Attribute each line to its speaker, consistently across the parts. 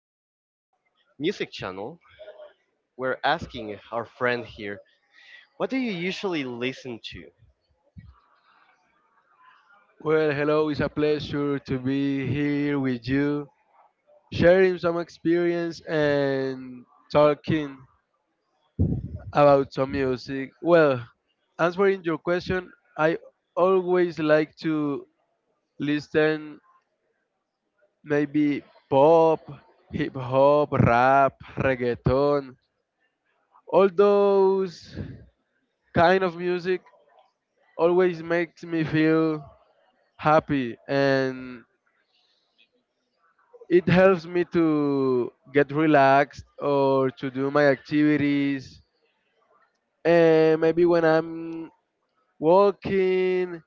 Speaker 1: our music channel, we're asking our friend here, what do you usually listen to?
Speaker 2: Well, hello, it's a pleasure to be here with you, sharing some experience and talking about some music. Well, answering your question, I always like to listen maybe pop, hip hop, rap, reggaeton. All those kind of music always makes me feel happy, and it helps me to get relaxed or to do my activities. And maybe when I'm walking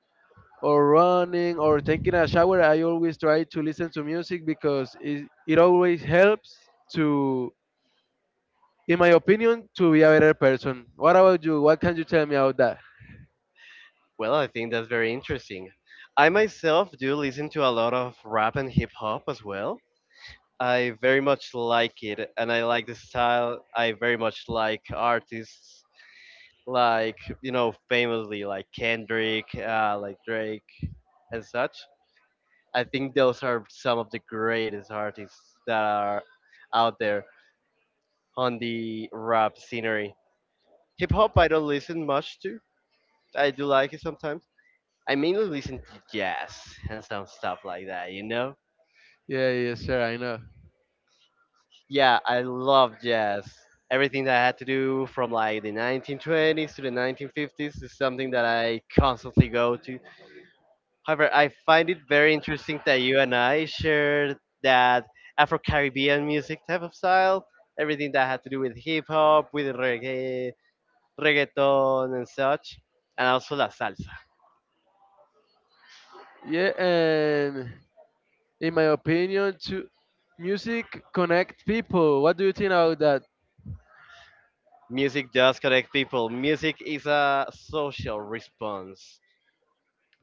Speaker 2: or running or taking a shower, I always try to listen to music because it always helps to, in my opinion, to be a better person. What about you? What can you tell me about that?
Speaker 1: Well, I think that's very interesting. I myself do listen to a lot of rap and hip hop as well. I very much like it, and I like the style. I very much like artists like, you know, famously like Kendrick, like Drake, and such. I think those are some of the greatest artists that are out there on the rap scenery. Hip hop, I don't listen much to. I do like it sometimes. I mainly listen to jazz and some stuff like that, you know?
Speaker 2: Yeah, yes sir, I know.
Speaker 1: Yeah, I love jazz. Everything that I had to do from like the 1920s to the 1950s is something that I constantly go to. However, I find it very interesting that you and I shared that Afro Caribbean music type of style, everything that had to do with hip hop, with reggae, reggaeton, and such, and also la salsa.
Speaker 2: Yeah, and in my opinion, to music connect people. What do you think about that?
Speaker 1: Music does connect people. Music is a social response.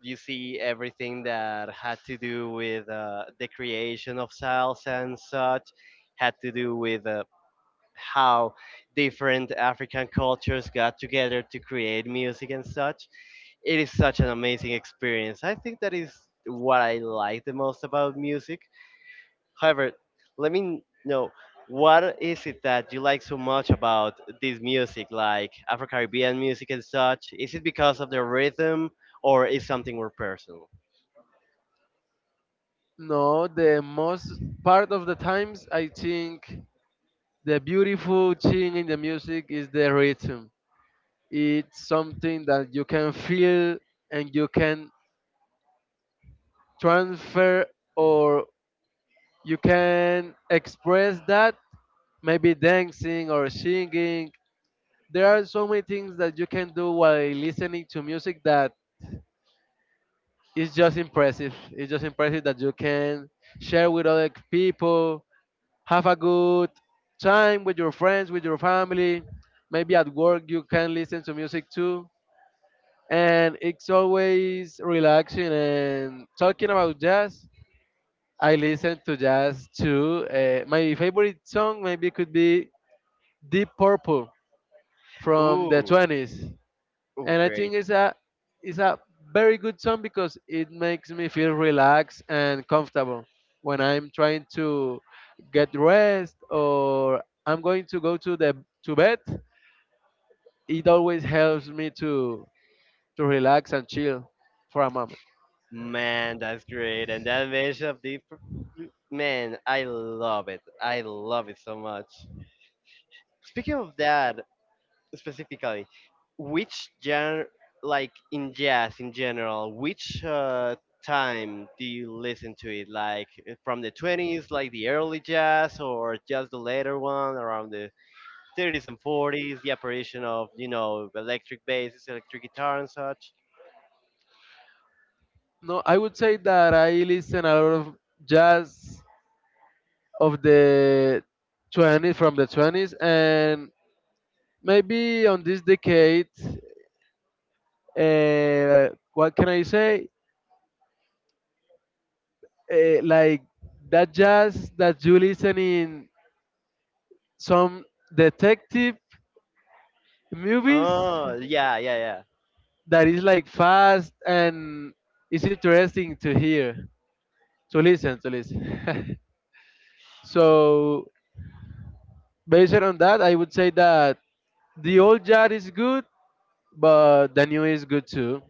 Speaker 1: You see everything that had to do with the creation of salsa and such, had to do with how different African cultures got together to create music and such. It is such an amazing experience. I think that is what I like the most about music. However, let me know what is it that you like so much about this music, like Afro Caribbean music and such? Is it because of the rhythm or is something more personal?
Speaker 2: No, the most part of the times, I think the beautiful thing in the music is the rhythm. It's something that you can feel, and you can transfer, or you can express that, maybe dancing or singing. There are so many things that you can do while listening to music that is just impressive. It's just impressive that you can share with other people. Have a good time with your friends, with your family. Maybe at work you can listen to music too. And it's always relaxing. And talking about jazz, I listen to jazz too. My favorite song maybe could be Deep Purple from the
Speaker 1: Ooh,
Speaker 2: 20s,
Speaker 1: oh,
Speaker 2: and I
Speaker 1: great.
Speaker 2: think it's a very good song because it makes me feel relaxed and comfortable when I'm trying to get rest, or I'm going to go to the to bed. It always helps me to relax and chill for a moment.
Speaker 1: Man, that's great. And that mashup, man, I love it. I love it so much. Speaking of that specifically, which genre, like in jazz in general, which time do you listen to it? Like from the 20s, like the early jazz, or just the later one around the 30s and 40s, the apparition of, you know, electric basses, electric guitar and such.
Speaker 2: No, I would say that I listen a lot of jazz of the 20s, from the 20s, and maybe on this decade, what can I say? Like that jazz that you listen in some detective movies,
Speaker 1: Oh, yeah, yeah, yeah.
Speaker 2: that is like fast, and it's interesting to listen. So based on that, I would say that the old jazz is good, but the new is good too.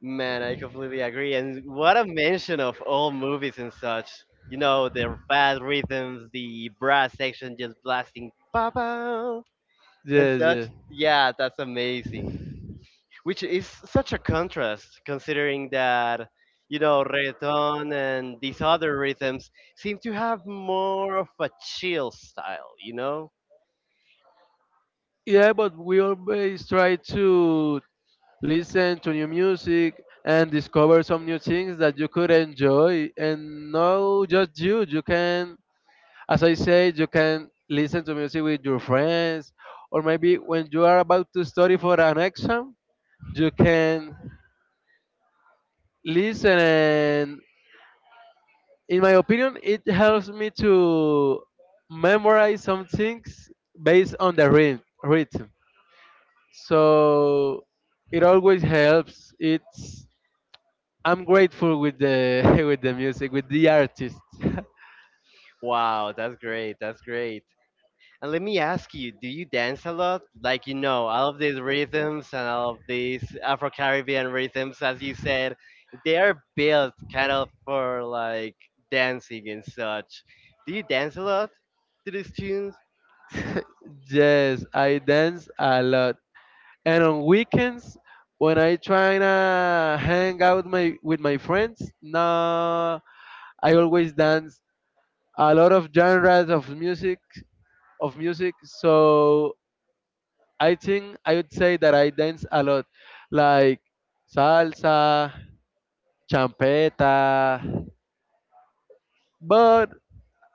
Speaker 1: Man, I completely agree. And what a mention of all movies and such. You know, the fast rhythms, the brass section just blasting pa and
Speaker 2: Yes,
Speaker 1: such.
Speaker 2: yes.
Speaker 1: Yeah, that's amazing. Which is such a contrast considering that, you know, reggaeton and these other rhythms seem to have more of a chill style, you know?
Speaker 2: Yeah, but we always try to listen to new music and discover some new things that you could enjoy, and not just you can, as I said, you can listen to music with your friends, or maybe when you are about to study for an exam, you can listen, and in my opinion, it helps me to memorize some things based on the rhythm. So it always helps. It's I'm grateful with the with the music, with the artist.
Speaker 1: Wow, that's great. That's great. And let me ask you, do you dance a lot? Like, you know, all of these rhythms and all of these Afro Caribbean rhythms, as you said, they are built kind of for like dancing and such. Do you dance a lot to these tunes?
Speaker 2: Yes, I dance a lot. And on weekends when I try to hang out my with my friends, no, I always dance a lot of genres of music. So I think I would say that I dance a lot. Like salsa, champeta, but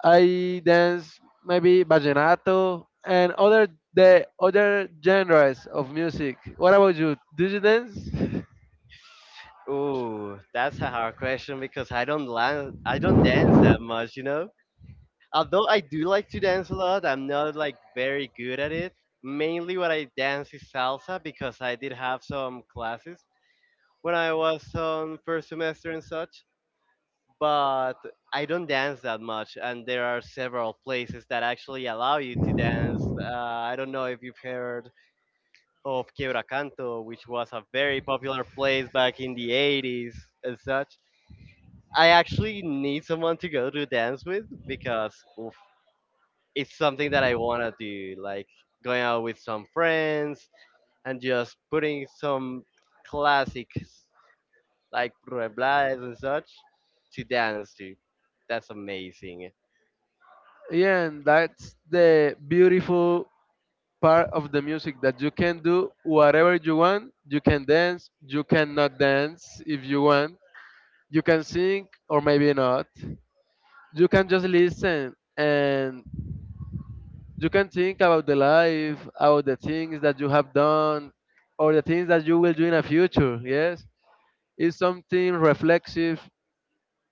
Speaker 2: I dance maybe vallenato and other the other genres of music. What about you? Do you dance?
Speaker 1: Ooh, that's a hard question because I don't dance that much, you know? Although I do like to dance a lot, I'm not like very good at it. Mainly what I dance is salsa because I did have some classes when I was on first semester and such, but I don't dance that much and there are several places that actually allow you to dance. I don't know if you've heard of Quiebra Canto, which was a very popular place back in the 80s and such. I actually need someone to go to dance with because oof, it's something that I want to do, like going out with some friends and just putting some classics like Reblades and such to dance to. That's amazing.
Speaker 2: Yeah, and that's the beautiful part of the music, that you can do whatever you want. You can dance, you cannot dance if you want. You can sing or maybe not. You can just listen, and you can think about the life, about the things that you have done, or the things that you will do in the future. Yes. It's something reflexive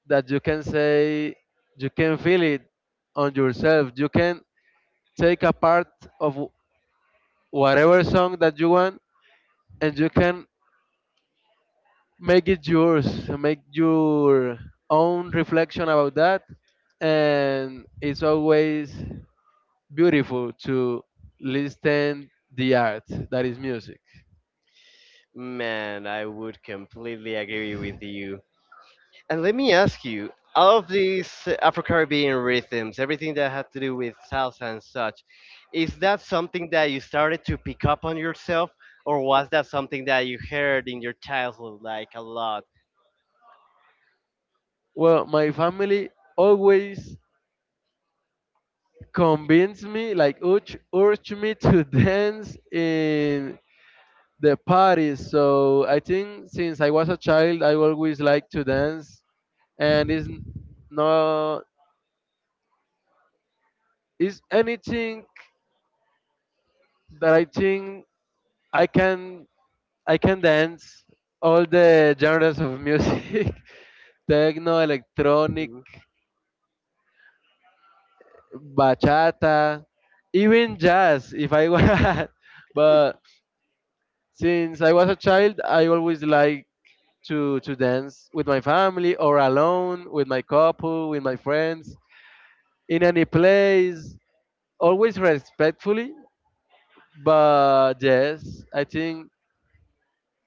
Speaker 2: that you can say, you can feel it on yourself. You can take a part of whatever song that you want, and you can make it yours, make your own reflection about that. And it's always beautiful to listen the art that is music.
Speaker 1: Man, I would completely agree with you. And let me ask you, all of these Afro Caribbean rhythms, everything that had to do with salsa and such, is that something that you started to pick up on yourself, or was that something that you heard in your childhood like a lot?
Speaker 2: Well, my family always convinced me, like urged me to dance in the parties. So I think since I was a child, I always liked to dance, and is no, is anything that I think I can I can dance all the genres of music, techno, electronic, bachata, even jazz if I want. But since I was a child, I always like to dance with my family, or alone with my couple, with my friends, in any place, always respectfully. But yes, I think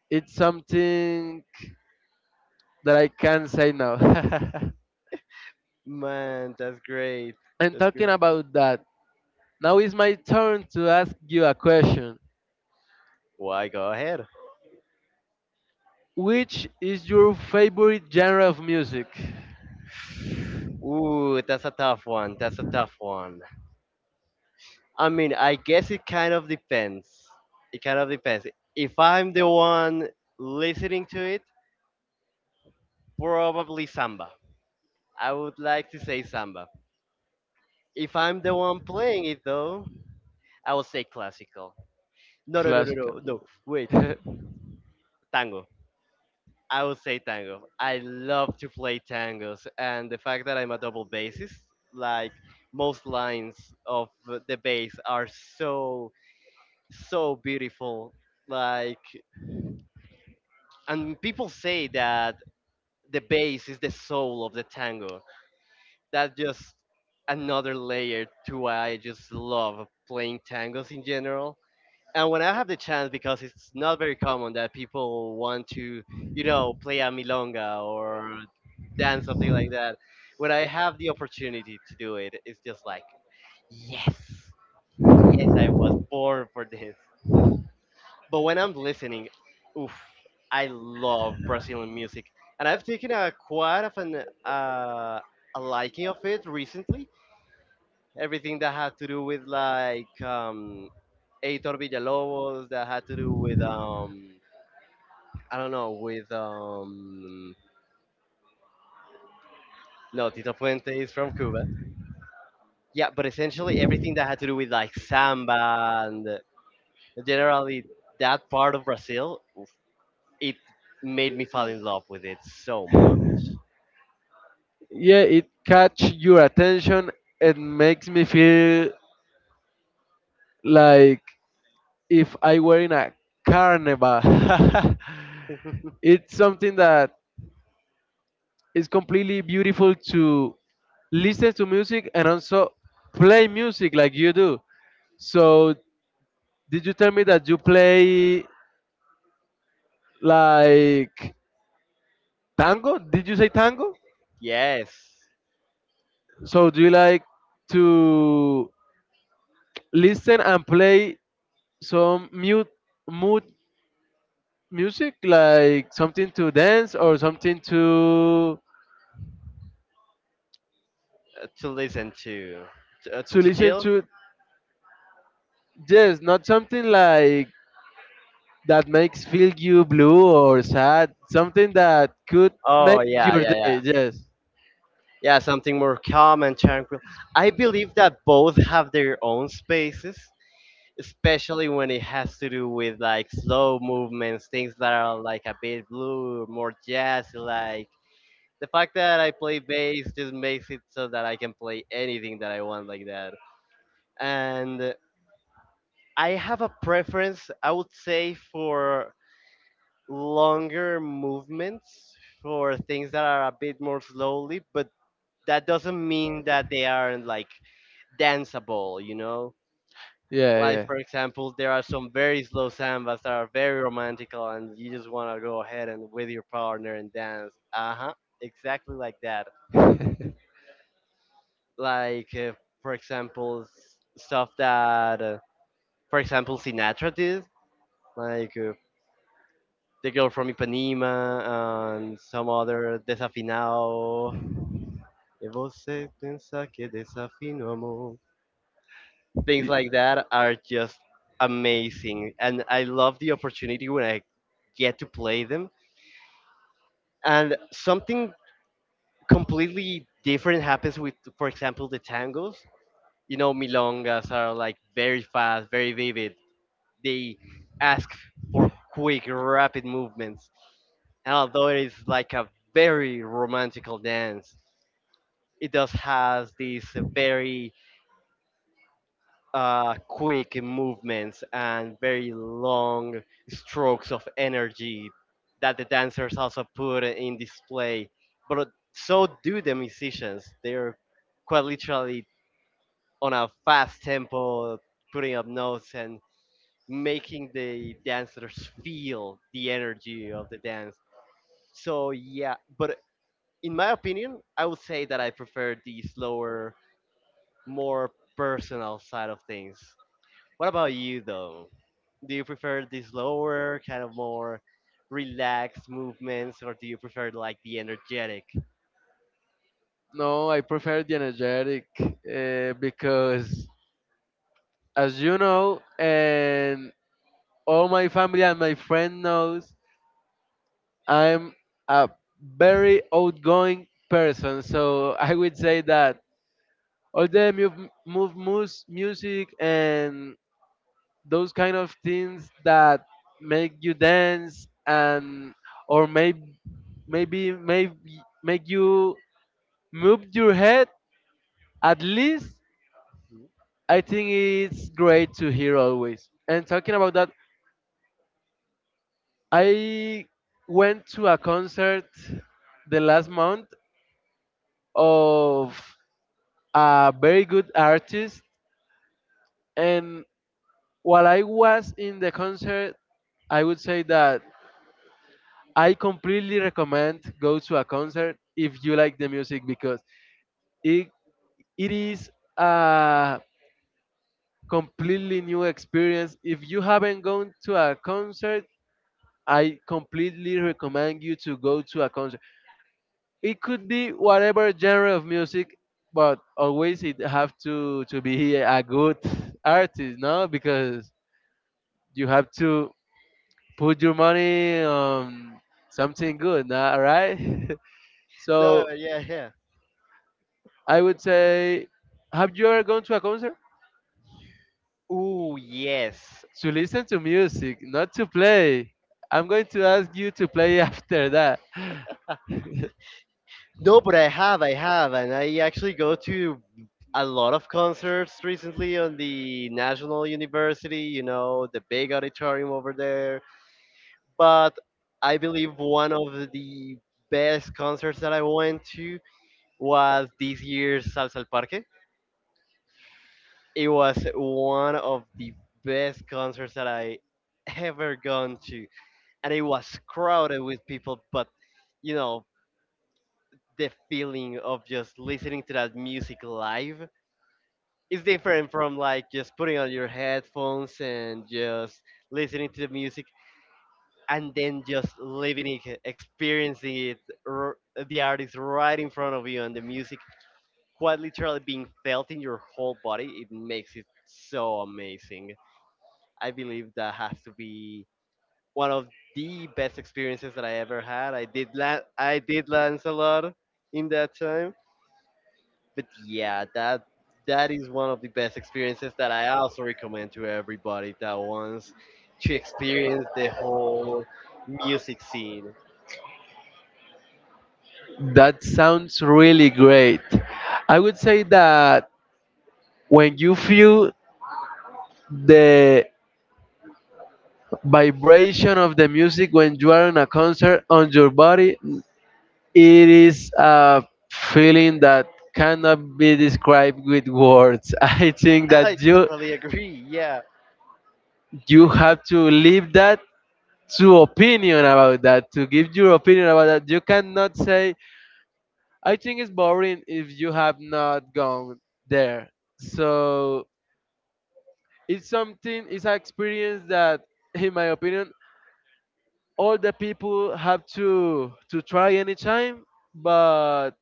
Speaker 2: it's something that I can say now.
Speaker 1: Man, that's great.
Speaker 2: And
Speaker 1: That's
Speaker 2: talking
Speaker 1: great.
Speaker 2: about that, now is my turn to ask you a question.
Speaker 1: Why, go ahead.
Speaker 2: Which is your favorite genre of music?
Speaker 1: Ooh, that's a tough one. That's a tough one. I mean, I guess it kind of depends. It kind of depends. If I'm the one listening to it, probably samba. I would like to say samba. If I'm the one playing it though, I will say classical. No, no, no, no,
Speaker 2: Classical
Speaker 1: no, no. Wait,
Speaker 2: music.
Speaker 1: tango. I would say tango. I love to play tangos, and the fact that I'm a double bassist, like most lines of the bass are so beautiful. Like, and people say that the bass is the soul of the tango. That's just another layer to why I just love playing tangos in general. And when I have the chance, because it's not very common that people want to, you know, play a milonga or dance something like that. When I have the opportunity to do it, it's just like, yes, yes, I was born for this. But when I'm listening, oof, I love Brazilian music, and I've taken a quite of an a liking of it recently. Everything that had to do with like Eitor Villalobos, that had to do with I don't know, with no, Tito Puente is from Cuba. Yeah, but essentially everything that had to do with like samba and generally that part of Brazil, oof, it made me fall in love with it so much.
Speaker 2: Yeah, it catch your attention. It makes me feel like if I were in a carnival. It's something that is completely beautiful to listen to music, and also play music like you do. So, did you tell me that you play like tango? Did you say tango?
Speaker 1: Yes,
Speaker 2: So do you like to listen and play some mute mood music, like something to dance, or something to
Speaker 1: to listen to.
Speaker 2: to
Speaker 1: To
Speaker 2: listen
Speaker 1: chill?
Speaker 2: to? Yes, not something like that makes feel you blue or sad, something that could make
Speaker 1: Oh, yeah,
Speaker 2: your
Speaker 1: yeah, yeah.
Speaker 2: day. Yes.
Speaker 1: Yeah, something more calm and tranquil. I believe that both have their own spaces, especially when it has to do with like slow movements, things that are like a bit blue, more jazz like. The fact that I play bass just makes it so that I can play anything that I want like that. And I have a preference, I would say, for longer movements for things that are a bit more slowly, but that doesn't mean that they aren't like danceable, you know?
Speaker 2: Yeah,
Speaker 1: Like
Speaker 2: yeah.
Speaker 1: for example, there are some very slow sambas that are very romantical, and you just want to go ahead and with your partner and dance. Uh huh, exactly like that. Like for example, stuff that, for example, Sinatra did, like the girl from Ipanema and some other desafinado. E você pensa que desafino amor. Things
Speaker 2: Y-
Speaker 1: like that are just amazing, and I love the opportunity when I get to play them and something completely different happens with for example the tangos, you know, milongas are like very fast, very vivid. They ask for quick rapid movements, and although it is like a very romantical dance, it does has this very quick movements and very long strokes of energy that the dancers also put in display. But so do the musicians. They're quite literally on a fast tempo, putting up notes and making
Speaker 2: Strong.
Speaker 1: the dancers feel the energy of the dance. So, yeah, but in my opinion, I would say that I prefer the slower, more personal side of things. What about you, though? Do you prefer the slower, kind of more relaxed movements, or do you prefer like the energetic?
Speaker 2: No, I prefer the energetic, because, as you know, and all my family and my friend knows, I'm a very outgoing person, so I would say that all the moves, music, and those kind of things that make you dance, and or maybe make you move your head, at least.
Speaker 1: Mhm.
Speaker 2: I think it's great to hear always. And talking about that, I went to a concert the last month, of a very good artist. And while I was in the concert, I would say that I completely recommend go to a concert if you like the music, because it, it is a completely new experience. If you haven't gone to a concert, I completely recommend you to go to a concert. It could be whatever genre of music, but always it have to be a good artist, no? Because you have to put your money on something good, nah, right? So
Speaker 1: No, yeah, yeah.
Speaker 2: I would say, have you ever gone to a concert?
Speaker 1: Ooh, yes.
Speaker 2: To listen to music, not to play. I'm going to ask you to play after that.
Speaker 1: No, but I have, and I actually go to a lot of concerts recently on the National University, you know, the big auditorium over there. But I believe one of the best concerts that I went to was this year's Salsa al Parque. It was one of the best concerts that I ever gone to, and it was crowded with people. But you know, the feeling of just listening to that music live is different from like just putting on your headphones and just listening to the music and then just living it, experiencing it, r- the artist right in front of you and the music quite literally being felt in your whole body. It makes it so amazing. I believe that has to be one of the best experiences that I ever had. I did Lancelot in that time, but yeah, that is one of the best experiences that I also recommend to everybody that wants to experience the whole music scene.
Speaker 2: That sounds really great. I would say that when you feel the vibration of the music, when you are in a concert, on your body, it is a feeling that cannot be described with words. I think
Speaker 1: I
Speaker 2: that you
Speaker 1: totally agree. Yeah.
Speaker 2: you have to leave that to opinion about that, to give your opinion about that. You cannot say I think it's boring if you have not gone there. So it's something, it's an experience that, in my opinion, all the people have to try anytime. But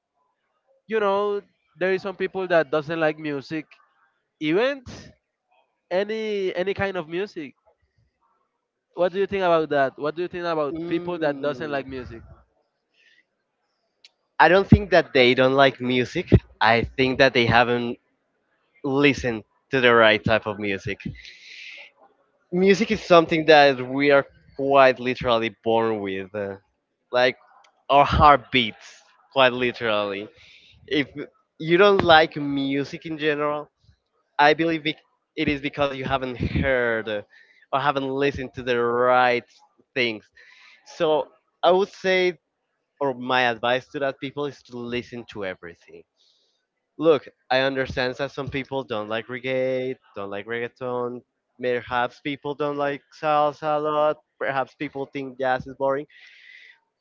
Speaker 2: you know there is some people that doesn't like music event any kind of music. What do you think about that? What do you think about people that doesn't
Speaker 1: Mm.
Speaker 2: like music?
Speaker 1: I don't think that they don't like music. I think that they haven't listened to the right type of music. Music is something that we are quite literally born with, like our heart beats quite literally. If you don't like music in general, I believe it is because you haven't heard, or haven't listened to the right things. So I would say, or my advice to that people is to listen to everything. Look, I understand that some people don't like reggae, don't like reggaeton. Perhaps people don't like salsa a lot. Perhaps people think jazz is boring.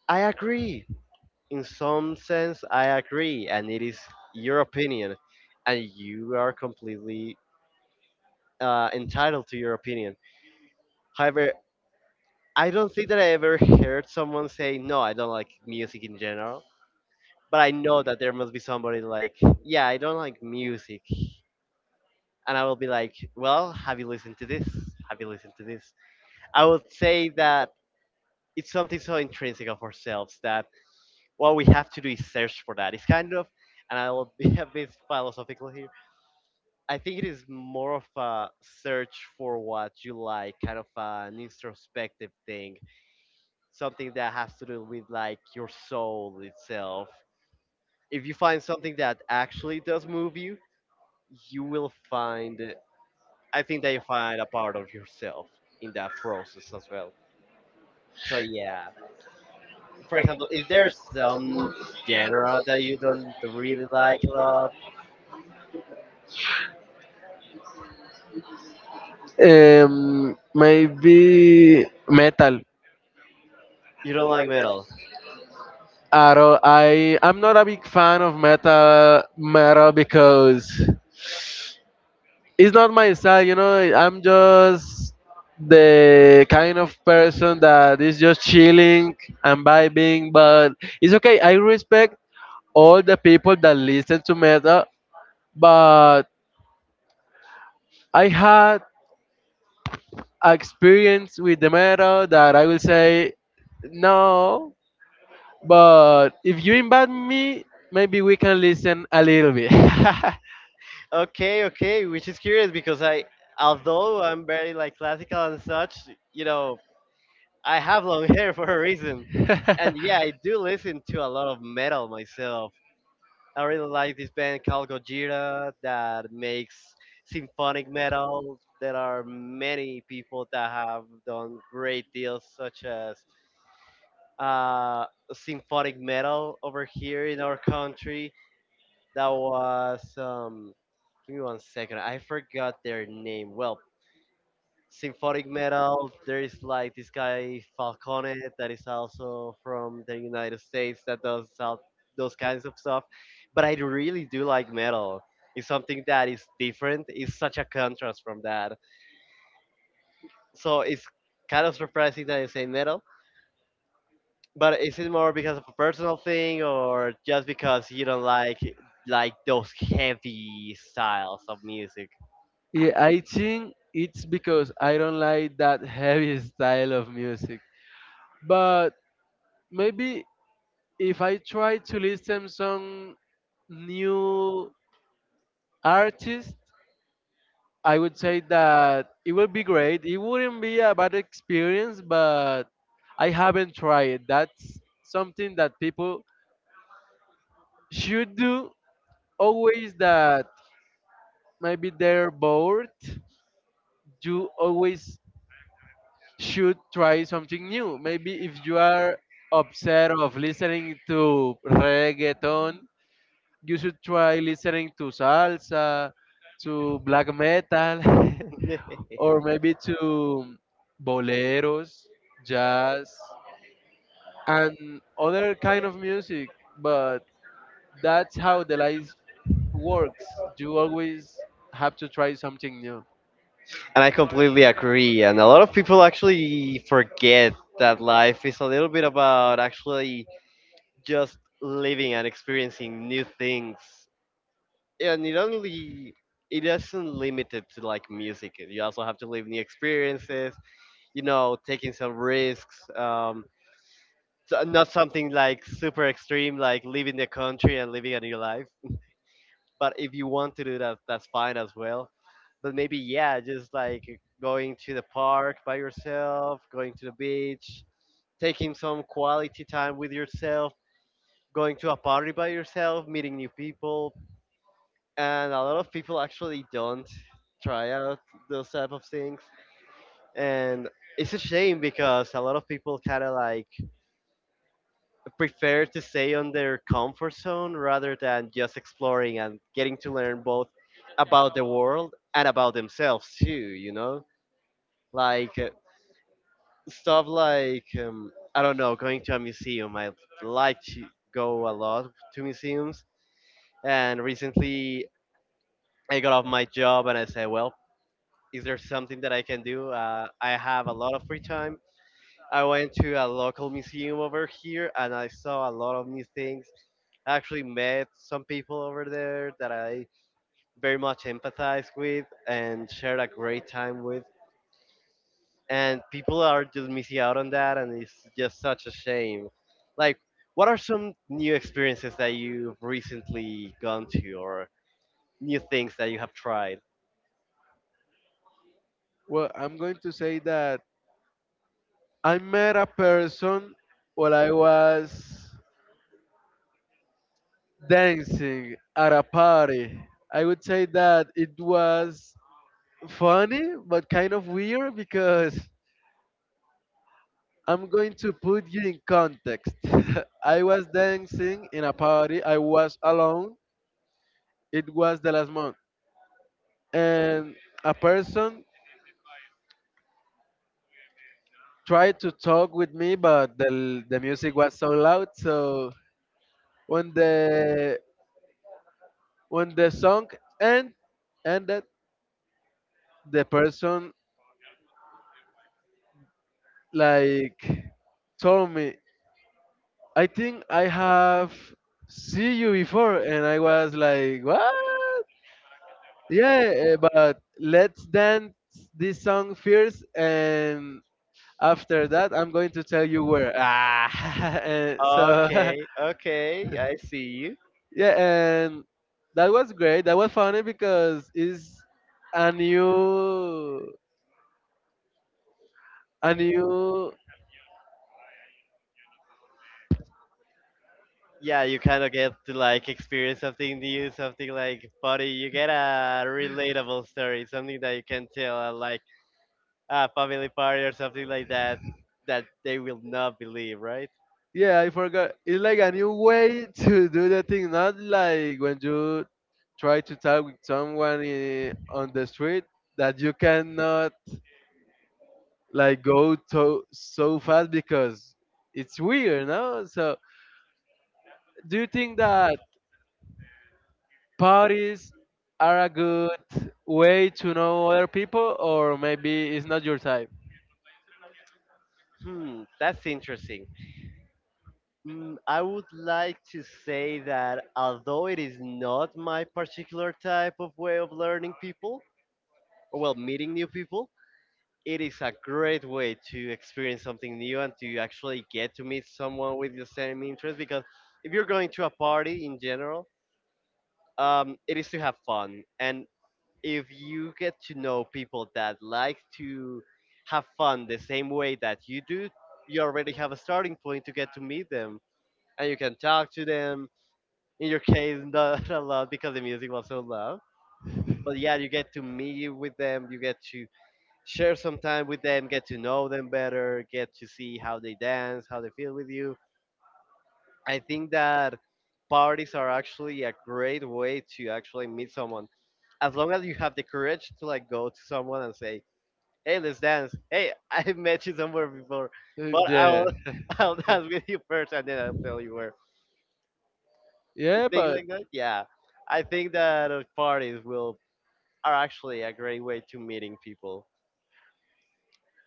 Speaker 1: I agree. In some sense, I agree, and it is your opinion, and you are completely entitled to your opinion. However, I don't think that I ever heard someone say, "No, I don't like music in general." But I know that there must be somebody like, "Yeah, I don't like music," and I will be like, well, have you listened to this? Have you listened to this? I would say that it's something so intrinsic of ourselves that what we have to do is search for that. It's kind of, and I will be a bit philosophical here. I think it is more of a search for what you like, kind of an introspective thing, something that has to do with like your soul itself. If you find something that actually does move you, you will find I think that you find a part of yourself in that process as well. So yeah, for example, is there some genre that you don't really like a lot?
Speaker 2: Maybe metal.
Speaker 1: You don't like metal.
Speaker 2: I don't. I'm not a big fan of metal because it's not my style, you know. I'm just the kind of person that is just chilling and vibing, but it's okay. I respect all the people that listen to metal, but I had experience with the metal that I will say no. But if you invite me, maybe we can listen a little bit.
Speaker 1: Okay, okay, which is curious because I, although I'm very like classical and such, you know, I have long hair for a reason, and yeah, I do listen to a lot of metal myself. I really like this band called Gojira that makes symphonic metal. There are many people that have done great deals, such as uh, symphonic metal over here in our country. That was, give me one second, I forgot their name. Well, symphonic metal. There is like this guy Falcone that is also from the United States that does out those kinds of stuff. But I really do like metal. It's something that is different. It's such a contrast from that. So it's kind of surprising that you say metal. But is it more because of a personal thing or just because you don't like those heavy styles of music?
Speaker 2: Yeah, I think it's because I don't like that heavy style of music. But maybe if I try to listen some new artists, I would say that it will be great. It wouldn't be a bad experience, but I haven't tried. That's something that people should do always, that maybe they're bored. You always should try something new. Maybe if you are upset of listening to reggaeton, you should try listening to salsa, to black metal. Or maybe to boleros, jazz, and other kind of music. But that's how the life works. You always have to try something new.
Speaker 1: And I completely agree. And a lot of people actually forget that life is a little bit about actually just living and experiencing new things. And it only it isn't limited to like music. You also have to live new experiences. You know, taking some risks. So- not something like super extreme, like leaving the country and living a new life. But if you want to do that, that's fine as well. But maybe yeah, just like going to the park by yourself, going to the beach, taking some quality time with yourself, going to a party by yourself, meeting new people. And a lot of people actually don't try out those type of things. And it's a shame because a lot of people kind of like prefer to stay on their comfort zone rather than just exploring and getting to learn both about the world and about themselves too, you know, like stuff like I don't know, going to a museum. I like to go a lot to museums, and recently I got off my job and I said, well, is there something that I can do? I have a lot of free time. I went to a local museum over here and I saw a lot of new things. I actually met some people over there that I very much empathize with and shared a great time with. And people are just missing out on that and it's just such a shame. Like, what are some new experiences that you've recently gone to or new things that you have tried?
Speaker 2: Well, I'm going to say that I met a person while I was dancing at a party. I would say that it was funny but kind of weird because I'm going to put you in context. I was dancing in a party. I was alone. It was the last month. And a person tried to talk with me, but the music was so loud. So when the song end, ended, the person like told me, "I think I have see you before," and I was like, "What?" Yeah, but let's dance this song first, and after that, I'm going to tell you where. Ah, so
Speaker 1: Okay, okay, I see you.
Speaker 2: yeah, and that was great. That was funny because it's a new, a new.
Speaker 1: Yeah, you kind of get to like experience something new, something like funny. You get a relatable story, something that you can tell at like a family party or something like that that they will not believe, right?
Speaker 2: Yeah, I forgot. It's like a new way to do the thing. Not like when you try to talk with someone on the street, that you cannot like go to so fast because it's weird, no? So do you think that parties are a good way to know other people, or maybe it's not your type?
Speaker 1: Hmm, that's interesting. Mm, I would like to say that although it is not my particular type of way of learning people, or well, meeting new people, it is a great way to experience something new and to actually get to meet someone with the same interest because if you're going to a party in general, it is to have fun, and if you get to know people that like to have fun the same way that you do, you already have a starting point to get to meet them, and you can talk to them, in your case not a lot because the music was so loud, but yeah, you get to meet with them, you get to share some time with them, get to know them better, get to see how they dance, how they feel with you. I think that parties are actually a great way to actually meet someone. As long as you have the courage to like go to someone and say, "Hey, let's dance. Hey, I met you somewhere before, but
Speaker 2: Yeah.
Speaker 1: I'll I'll dance with you first, and then I'll tell you where."
Speaker 2: Yeah,
Speaker 1: Things
Speaker 2: but
Speaker 1: like that. Yeah, I think that parties will are actually a great way to meeting people.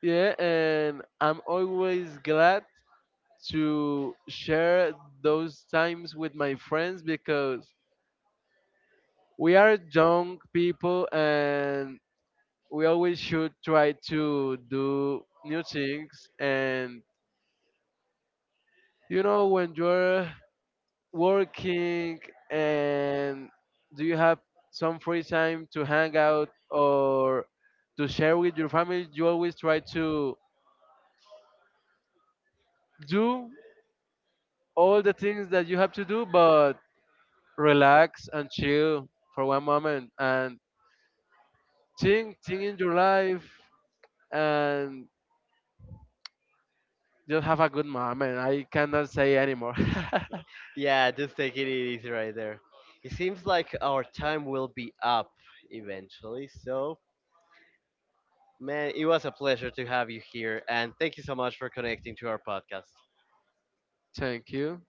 Speaker 2: yeah, and I'm always glad to share those times with my friends because we are young people, and we always should try to do new things, and when you're working, and do you have some free time to hang out, or to share with your family, you always try to do all the things that you have to do, but relax and chill for one moment, and think in your life, and just have a good moment. I cannot say anymore.
Speaker 1: Yeah, just taking it easy right there. It seems like our time will be up eventually. So, man, it was a pleasure to have you here. And thank you so much for connecting to our podcast.
Speaker 2: Thank you.